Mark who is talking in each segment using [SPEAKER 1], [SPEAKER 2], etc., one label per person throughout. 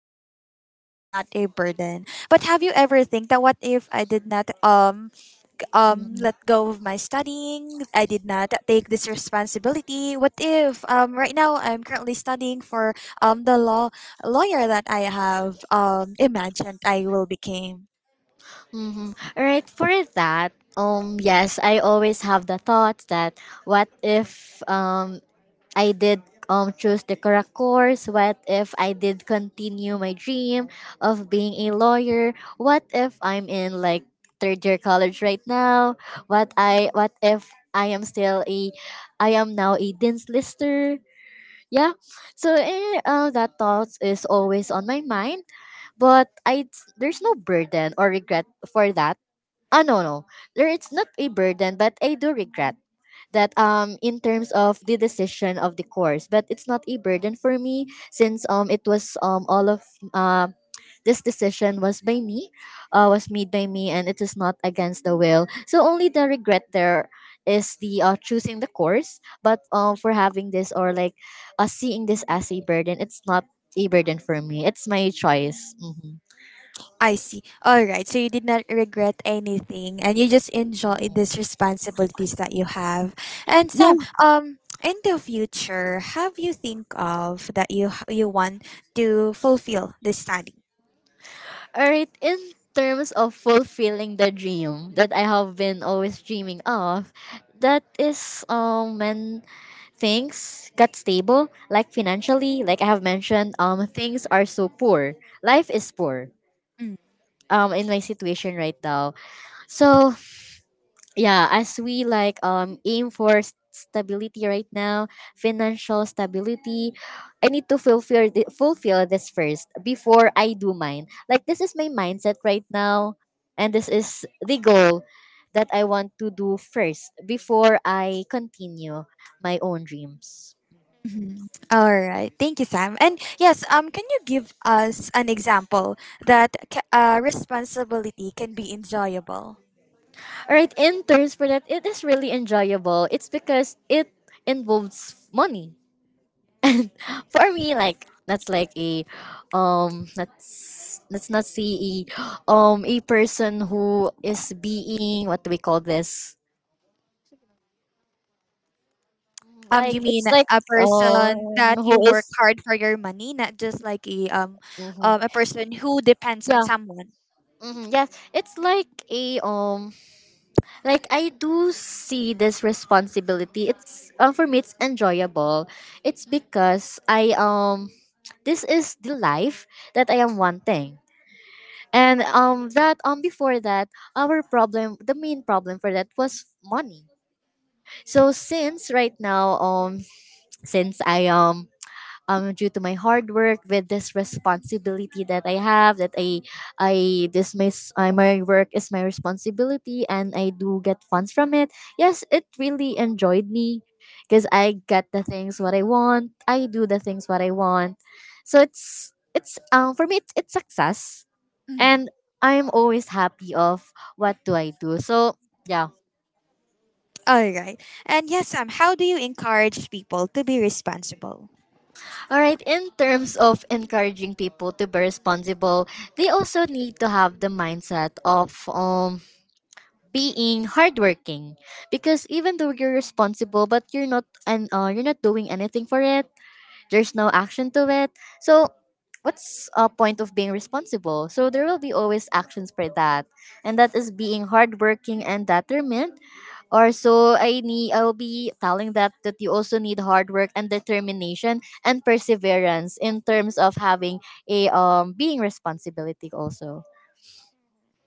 [SPEAKER 1] this responsibilities is not a burden, but have you ever think that what if I did not let go of my studying? I did not take this responsibility. What if right now I'm currently studying for the lawyer that I have imagined I will become.
[SPEAKER 2] Mm-hmm. All right, for that, yes, I always have the thoughts that what if I did choose the correct course? What if I did continue my dream of being a lawyer? What if I'm in like third year college right now? What if I am still a I am now a dean's lister? Yeah, so that thoughts is always on my mind, but I there's no burden or regret for that. Oh, no, it's not a burden, but I do regret that, in terms of the decision of the course, but it's not a burden for me since it was all of uh, this decision was by me, was made by me, and it is not against the will. So only the regret there is the choosing the course, but for having this or like seeing this as a burden, it's not a burden for me. It's my choice.
[SPEAKER 1] I see. All right. So you did not regret anything and you just enjoy these responsibilities that you have. And Sam, in the future, have you think of that you want to fulfill this study?
[SPEAKER 2] Alright, in terms of fulfilling the dream that I have been always dreaming of, that is when things got stable, like financially, like I have mentioned, things are so poor. Life is poor.
[SPEAKER 1] Mm,
[SPEAKER 2] In my situation right now. So yeah, as we like aim for stability right now, financial stability. I need to fulfill this first before I do mine. Like, this is my mindset right now, and this is the goal that I want to do first before I continue my own dreams.
[SPEAKER 1] mhm. All right. Thank you, Sam. And yes, can you give us an example that responsibility can be enjoyable?
[SPEAKER 2] All right in terms for that, it is really enjoyable. It's because it involves money and for me, like, that's like a, that's, let's not see a person who is, being, what do we call this? Mm, like
[SPEAKER 1] You mean
[SPEAKER 2] it's like,
[SPEAKER 1] a
[SPEAKER 2] um
[SPEAKER 1] person that
[SPEAKER 2] who
[SPEAKER 1] you work
[SPEAKER 2] is.
[SPEAKER 1] hard for your money, not just like
[SPEAKER 2] Mhm.
[SPEAKER 1] a person who depends on
[SPEAKER 2] Yeah.
[SPEAKER 1] someone.
[SPEAKER 2] Mm-hmm, yeah. It's like a, like I do see this responsibility, it's, for me it's enjoyable. It's because I, this is the life that I am wanting. And that before that, our problem, the main problem for that was money. So since right now, since I due to my hard work with this responsibility that I have, that I, this my work is my responsibility and I do get funds from it. Yes, it really enjoyed me, because I get the things what I want, I do the things what I want. So it's for me, it's success.
[SPEAKER 1] Mm.
[SPEAKER 2] And I'm always happy of what do I do. So yeah.
[SPEAKER 1] All right. And yes, Sam, how do you encourage people to be responsible?
[SPEAKER 2] All right, in terms of encouraging people to be responsible, they also need to have the mindset of being hardworking, because even though you're responsible, but you're not, and you're not doing anything for it, there's no action to it. So what's a point of being responsible? So there will be always actions for that, and that is being hardworking and determined. Also, I'll be telling that, that you also need hard work and determination and perseverance in terms of having a, being responsibility also.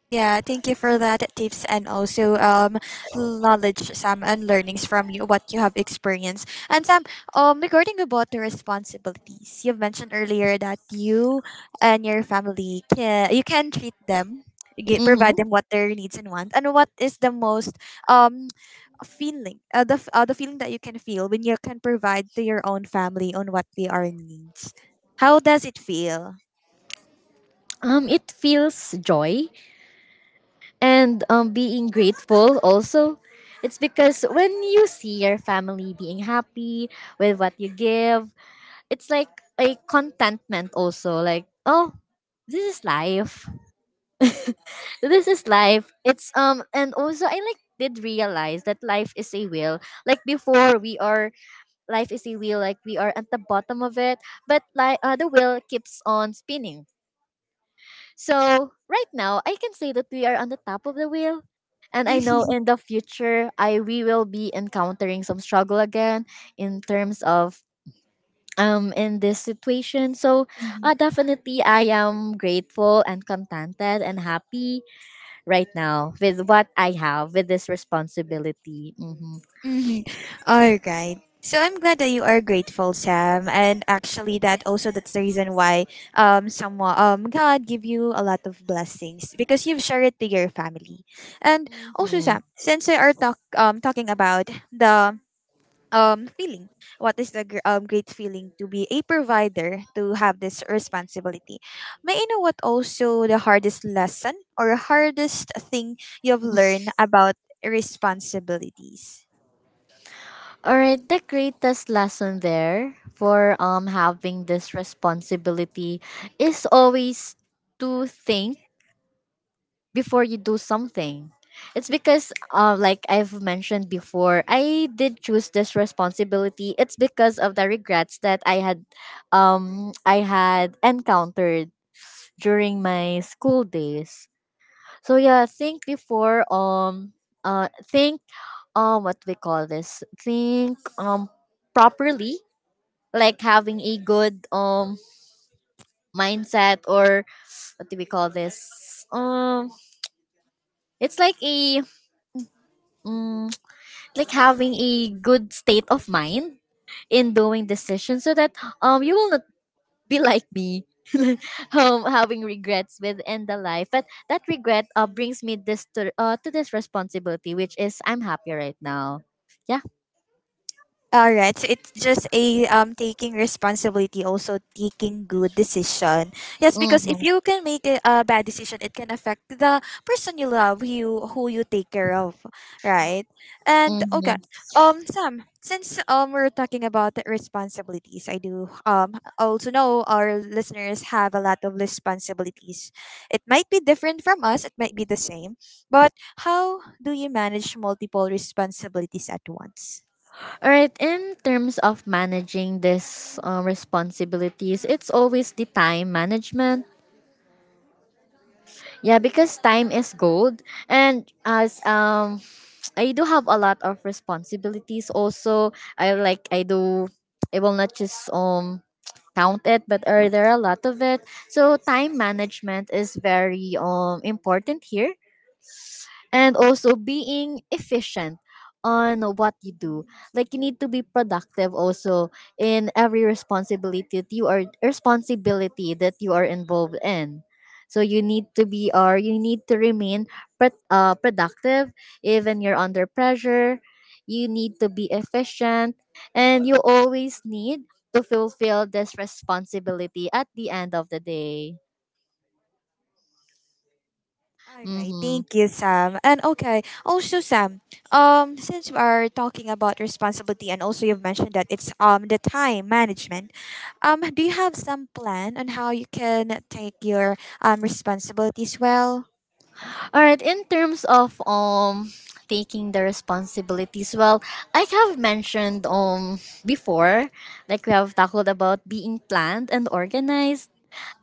[SPEAKER 1] Yeah, thank you for that tips and also knowledge Sam and learnings from you what you have experienced. And Sam, regarding about the responsibilities, you've mentioned earlier that you and your family can you can treat them, provide
[SPEAKER 2] Mm-hmm.
[SPEAKER 1] them what their needs and wants. And what is the most um feeling the feeling that you can feel when you can provide to your own family on what they are needs. How does it feel?
[SPEAKER 2] It feels joy and, being grateful also. It's because when you see your family being happy with what you give, it's like a contentment also. Like, oh, this is life. This is life. It's, and also I like did realize that life is a wheel. Like before we are Life is a wheel, like, we are at the bottom of it, but like, the wheel keeps on spinning. So right now I can say that we are on the top of the wheel. And I know in the future I we will be encountering some struggle again in terms of, in this situation. So definitely I am grateful and contented and happy right now with what I have with this responsibility.
[SPEAKER 1] Mm-hmm. All right. So I'm glad that you are grateful, Sam. And actually, that also that's the reason why someone God give you a lot of blessings because you've shared it to your family. And also,
[SPEAKER 2] Hmm
[SPEAKER 1] Sam, since we are talking about the feeling, what is the great feeling to be a provider to have this responsibility? May I know what also the hardest lesson or hardest thing you've learned about responsibilities?
[SPEAKER 2] All right, the greatest lesson there for having this responsibility is always to think before you do something. It's because, like I've mentioned before, I did choose this responsibility. It's because of the regrets that I had, I had encountered during my school days. So yeah, think before, think, what we call this think properly, like having a good mindset, or what do we call this, it's like a, um, like having a good state of mind in doing decisions, so that you will not be like me having regrets within the life. But that regret brings me this to this responsibility, which is I'm happy right now.
[SPEAKER 1] All right. So it's just a taking responsibility, also taking good decision. Yes, because if
[SPEAKER 2] Mhm,
[SPEAKER 1] you can make a bad decision, it can affect the person you love, who you take care of, right? And okay,
[SPEAKER 2] mhm.
[SPEAKER 1] Sam, since we're talking about the responsibilities, I do also know our listeners have a lot of responsibilities. It might be different from us. It might be the same, but how do you manage multiple responsibilities at once?
[SPEAKER 2] All right, in terms of managing this responsibilities, it's always the time management. Yeah, because time is gold, and as, I do have a lot of responsibilities. Also, I do. I will not just count it, but are there are a lot of it. So time management is very important here, and also being efficient on what you do. Like, you need to be productive also in every responsibility that you are responsibility that you are involved in. So you need to be, or you need to remain, productive, even you're under pressure. You need to be efficient, and you always need to fulfill this responsibility at the end of the day.
[SPEAKER 1] Alright,
[SPEAKER 2] Mm-hmm.
[SPEAKER 1] thank you, Sam. And okay, also Sam, since we are talking about responsibility and also you've mentioned that it's the time management, do you have some plan on how you can take your responsibilities well?
[SPEAKER 2] All right, in terms of taking the responsibilities, well, I have mentioned before, like we have talked about being planned and organized.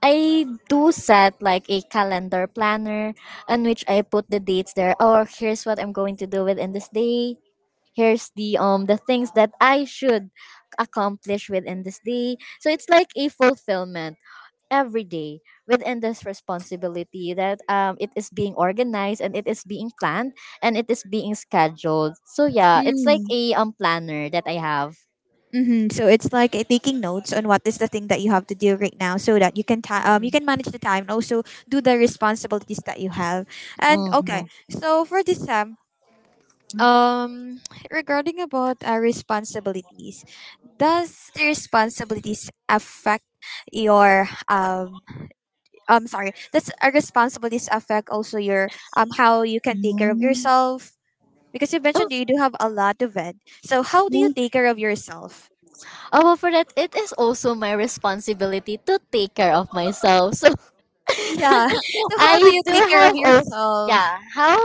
[SPEAKER 2] I do set like a calendar planner on which I put the dates there. Or here's what I'm going to do within this day. Here's the things that I should accomplish within this day. So it's like a fulfillment every day within this responsibility that, it is being organized, and it is being planned, and it is being scheduled. So yeah, it's like
[SPEAKER 1] Mm.
[SPEAKER 2] a, planner that I have.
[SPEAKER 1] Hmm. So it's like taking notes on what is the thing that you have to do right now, so that you can you
[SPEAKER 2] Mhm,
[SPEAKER 1] can manage the time and also do the responsibilities that you have. And okay,
[SPEAKER 2] mhm.
[SPEAKER 1] so for this time, um, regarding about our responsibilities, does the responsibilities affect your sorry, does our responsibilities affect also your how you can take care of
[SPEAKER 2] Mm.
[SPEAKER 1] yourself? Because you mentioned you do
[SPEAKER 2] Okay.
[SPEAKER 1] have a lot of it. So how do you
[SPEAKER 2] Oh,
[SPEAKER 1] take care of yourself?
[SPEAKER 2] well, for that, it is also my responsibility to take care of myself, so
[SPEAKER 1] Yeah. So
[SPEAKER 2] I
[SPEAKER 1] how do you
[SPEAKER 2] do
[SPEAKER 1] take care of
[SPEAKER 2] have also
[SPEAKER 1] yourself?
[SPEAKER 2] yeah,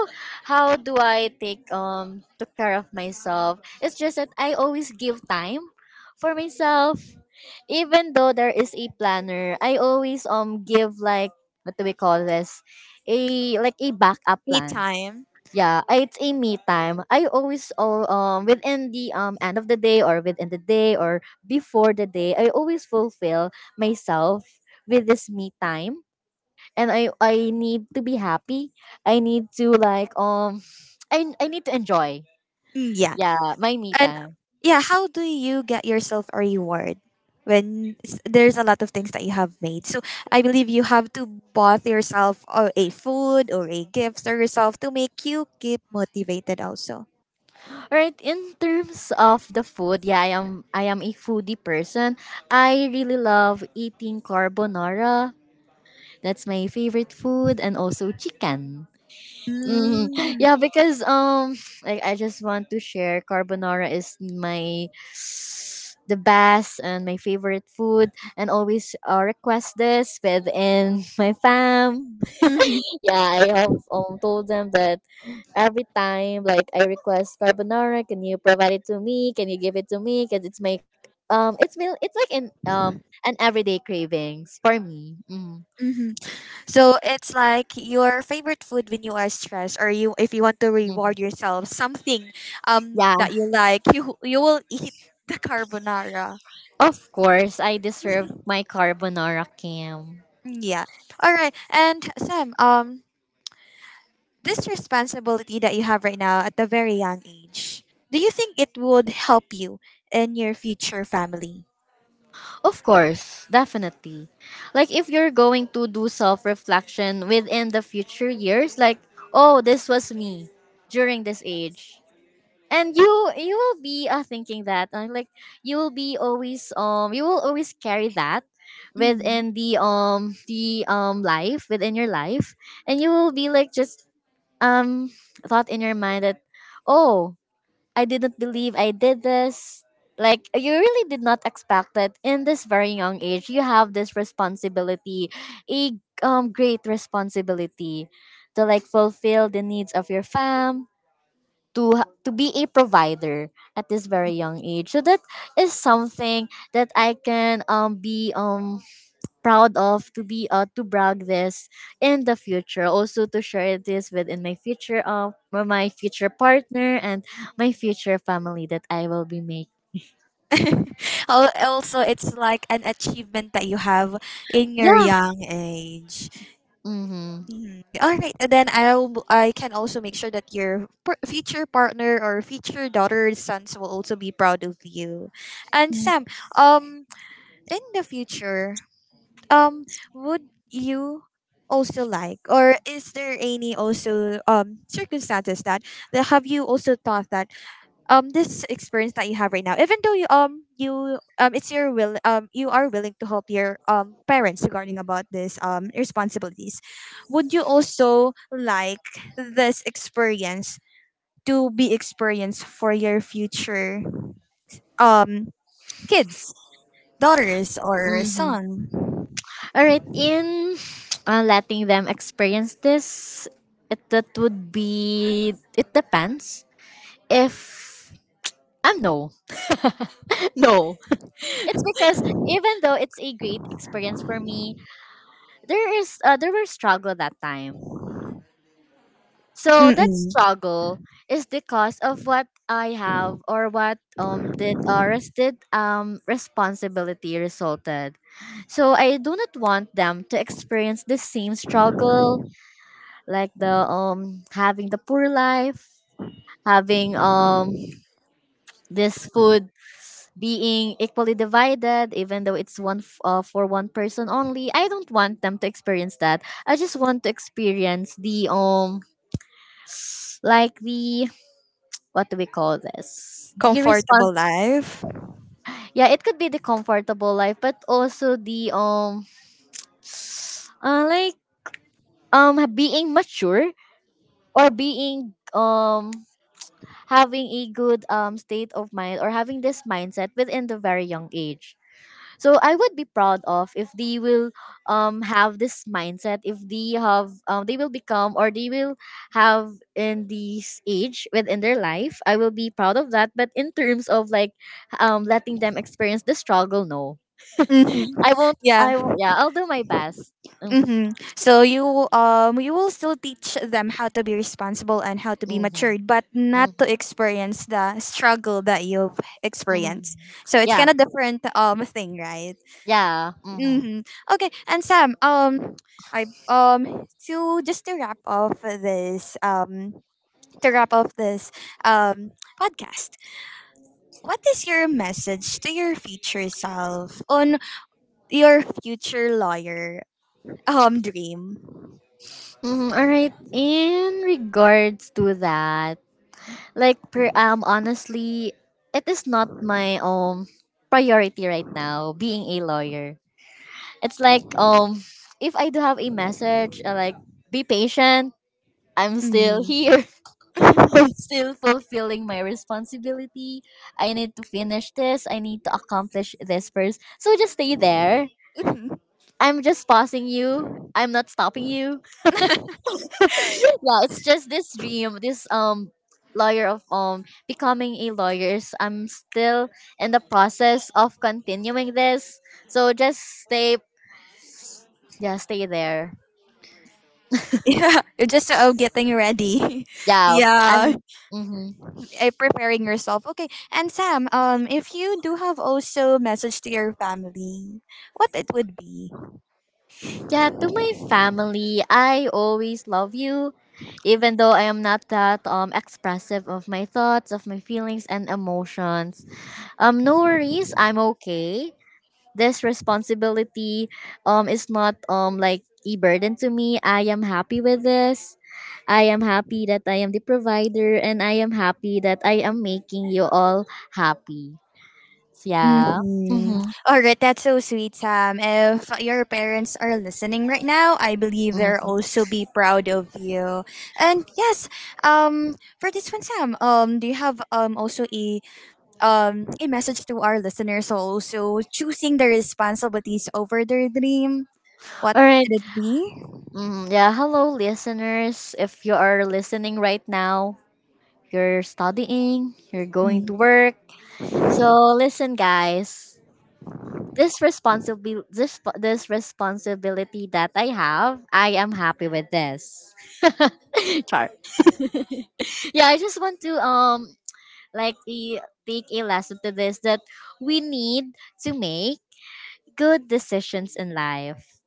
[SPEAKER 2] how do I take took care of myself. It's just that I always give time for myself. Even though there is a planner, I always give like, what do we call this? A, like a backup
[SPEAKER 1] Me
[SPEAKER 2] plan.
[SPEAKER 1] time.
[SPEAKER 2] Yeah, it's a me time. I always all within the end of the day, or within the day, or before the day, I always fulfill myself with this me time. And I need to be happy. I need to like, I need to enjoy.
[SPEAKER 1] Mm, yeah.
[SPEAKER 2] Yeah, my me
[SPEAKER 1] And
[SPEAKER 2] time.
[SPEAKER 1] yeah, how do you get yourself a reward when there's a lot of things that you have made? So I believe you have to bought yourself or a food or a gift for yourself to make you keep motivated also.
[SPEAKER 2] Right, in terms of the food, yeah, I am a foodie person. I really love eating carbonara. That's my favorite food, and also chicken. Hmm.
[SPEAKER 1] Mm.
[SPEAKER 2] Yeah, because like I just want to share, carbonara is my the best and my favorite food, and always request this within my fam.
[SPEAKER 1] Mm-hmm.
[SPEAKER 2] Yeah, I have told them that every time like I request carbonara, can you provide it to me? Can you give it to me? Because it's my, it's like an, an everyday cravings for me. Mm.
[SPEAKER 1] So it's like your favorite food when you are stressed or you if you want to
[SPEAKER 2] Mm.
[SPEAKER 1] reward yourself something
[SPEAKER 2] Yeah.
[SPEAKER 1] that you like you will eat the carbonara.
[SPEAKER 2] Of course I deserve my carbonara, Kim.
[SPEAKER 1] Mm, yeah. All right. And Sam, this responsibility that you have right now at the very young age, do you think it would help you in your future family?
[SPEAKER 2] Of course, definitely. Like if you're going to do self-reflection within the future years, like, oh, this was me during this age. And you will be, thinking that, like, you will be always, you will always carry that
[SPEAKER 1] Hmm.
[SPEAKER 2] within the, life within your life. And you will be like, just, um thought in your mind that, oh, I didn't believe I did this. Like, you really did not expect that in this very young age you have this responsibility, a, great responsibility to like fulfill the needs of your fam, to be a provider at this very young age. So that is something that I can, be, proud of, to be, to brag this in the future, also to share this within my future, with my future partner and my future family that I will be making.
[SPEAKER 1] Also, it's like an achievement that you have in your
[SPEAKER 2] Yeah.
[SPEAKER 1] young age.
[SPEAKER 2] Mm-hmm.
[SPEAKER 1] Mhm. All right, and then I can also make sure that your future partner or future daughter and sons will also be proud of you. And Sam, um, in the future, um, would you also like, or is there any also circumstances that have you also thought that this experience that you have right now even though you you it's your will you are willing to help your parents regarding about this responsibilities would you also like this experience to be experienced for your future um kids daughters or
[SPEAKER 2] Mm-hmm.
[SPEAKER 1] son.
[SPEAKER 2] All right, in letting them experience this, it that would be, it depends if, um, no. No. It's because even though it's a great experience for me, there is, there were struggle that time. So that
[SPEAKER 1] Mm-mm.
[SPEAKER 2] struggle is because of what I have, or what did responsibility resulted. So I do not want them to experience the same struggle like the having the poor life, having this food being equally divided even though it's for one person only. I don't want them to experience that. I just want to experience the like the what do we call this, the response.
[SPEAKER 1] Comfortable life.
[SPEAKER 2] Yeah, it could be the comfortable life, but also the like being mature or being having a good state of mind or having this mindset within the very young age. So I would be proud of if they will have this mindset, if they have they will become or they will have in this age within their life. I will be proud of that, but in terms of like letting them experience the struggle, no.
[SPEAKER 1] Mm-hmm.
[SPEAKER 2] i won't
[SPEAKER 1] Yeah.
[SPEAKER 2] i won't Yeah, I'll do my best. Mm,
[SPEAKER 1] Mm-hmm. So you you will still teach them how to be responsible and how to be
[SPEAKER 2] mm-hmm,
[SPEAKER 1] matured, but not to
[SPEAKER 2] mm-hmm,
[SPEAKER 1] experience the struggle that you've
[SPEAKER 2] hmm.
[SPEAKER 1] experienced. So it's
[SPEAKER 2] Yeah.
[SPEAKER 1] kind of different thing, right?
[SPEAKER 2] Yeah, mm-hmm.
[SPEAKER 1] Mm-hmm. Okay, and Sam, I to just to wrap off this podcast. What is your message to your future self on your future lawyer dream?
[SPEAKER 2] Mm-hmm. All right. In regards to that, like per honestly, it is not my priority right now being a lawyer. It's like if I do have a message, like be patient, I'm still
[SPEAKER 1] Mm.
[SPEAKER 2] here. I'm still fulfilling my responsibility. I need to finish this. I need to accomplish this first. So just stay there. I'm just pausing you. I'm not stopping you. Yeah, it's just this dream, this lawyer of becoming a lawyer. So I'm still in the process of continuing this. So just stay, yeah, stay there.
[SPEAKER 1] Yeah, you're just getting ready.
[SPEAKER 2] Yeah.
[SPEAKER 1] Yeah,
[SPEAKER 2] I'm mm-hmm.
[SPEAKER 1] preparing yourself. Okay, and Sam, if you do have also message to your family, what it would be?
[SPEAKER 2] Yeah, to my family, I always love you. Even though I am not that expressive of my thoughts, of my feelings and emotions. No worries, I'm okay. This responsibility is not like a burden to me. I am happy with this. I am happy that I am the provider, and I am happy that I am making you all happy. Yeah,
[SPEAKER 1] Mm-hmm.
[SPEAKER 2] mm-hmm.
[SPEAKER 1] All right, that's so sweet, Sam. If your parents are listening right now, I believe they'll also be proud of you. And yes, for this one, Sam, do you have also a message to our listeners who also choosing their responsibilities over their dream? What
[SPEAKER 2] All right.
[SPEAKER 1] would it be?
[SPEAKER 2] Mm, yeah. Hello, listeners. If you are listening right now, you're studying, you're going
[SPEAKER 1] Mhm.
[SPEAKER 2] to work. So, listen, guys. This responsibility that I have, I am happy with this. Char. Yeah, I just want to like take a lesson to this that we need to make good decisions in life,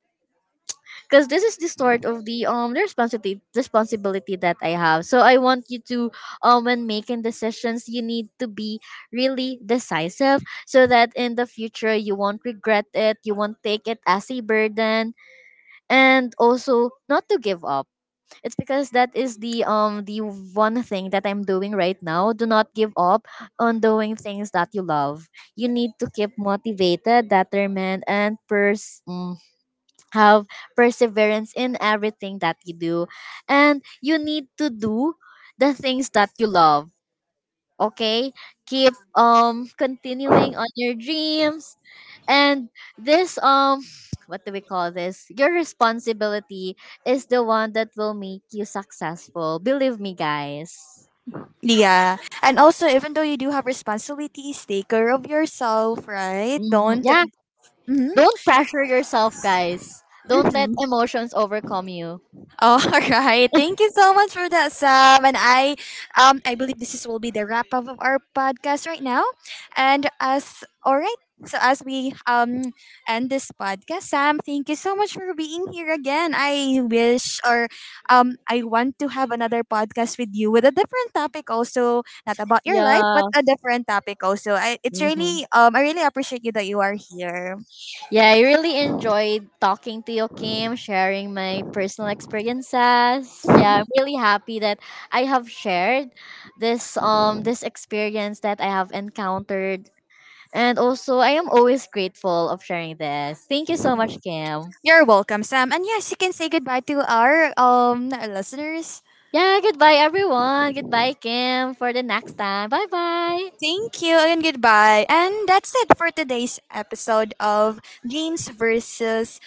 [SPEAKER 2] because this is the start of the responsibility that I have. So I want you to, when making decisions, you need to be really decisive so that in the future you won't regret it, you won't take it as a burden, and also not to give up. It's because that is the one thing that I'm doing right now. Do not give up on doing things that you love. You need to keep motivated, determined, and have perseverance in everything that you do, and you need to do the things that you love. Okay. Keep continuing on your dreams, and this what do we call this, your responsibility, is the one that will make you successful. Believe me, guys.
[SPEAKER 1] Yeah. And also, even though you do have responsibilities, take care of yourself, right?
[SPEAKER 2] Mhm.
[SPEAKER 1] Don't.
[SPEAKER 2] Yeah,
[SPEAKER 1] Mm-hmm.
[SPEAKER 2] don't pressure yourself, guys. Don't let
[SPEAKER 1] Mm-hmm.
[SPEAKER 2] emotions overcome you.
[SPEAKER 1] All right. Thank you so much for that, Sam. And I believe this is will be the wrap up of our podcast right now. And as all right. So as we end this podcast, Sam, thank you so much for being here again. I wish or I want to have another podcast with you with a different topic also, not about your life,
[SPEAKER 2] Yeah.
[SPEAKER 1] but a different topic also. I it's
[SPEAKER 2] Mhm.
[SPEAKER 1] really I really appreciate you that you are here.
[SPEAKER 2] Yeah, I really enjoyed talking to you, Kim, sharing my personal experiences. Yeah, I'm really happy that I have shared this experience that I have encountered. And also I am always grateful of sharing this. Thank you so much, Kim.
[SPEAKER 1] You're welcome, Sam. And yes, you can say goodbye to our listeners.
[SPEAKER 2] Yeah, goodbye everyone. Goodbye, Kim, for the next time. Bye bye.
[SPEAKER 1] Thank you and goodbye. And that's it for today's episode of Dreams versus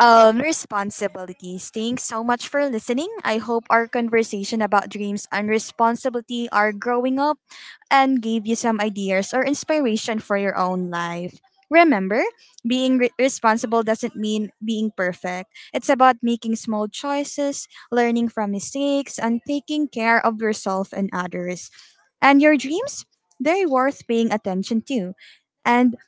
[SPEAKER 1] responsibilities. Thanks so much for listening. I hope our conversation about dreams and responsibility are growing up and gave you some ideas or inspiration for your own life. Remember, being responsible doesn't mean being perfect. It's about making small choices, learning from mistakes, and taking care of yourself and others. And your dreams, they're worth paying attention to. And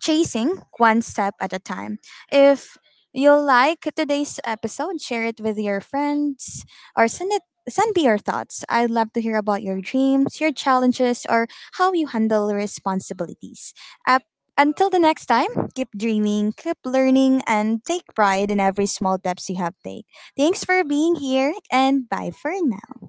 [SPEAKER 1] chasing one step at a time. If you like today's episode, share it with your friends or send me your thoughts. I'd love to hear about your dreams, your challenges, or how you handle responsibilities. Up until the next time, keep dreaming, keep learning, and take pride in every small steps you have take. Thanks for being here and bye for now.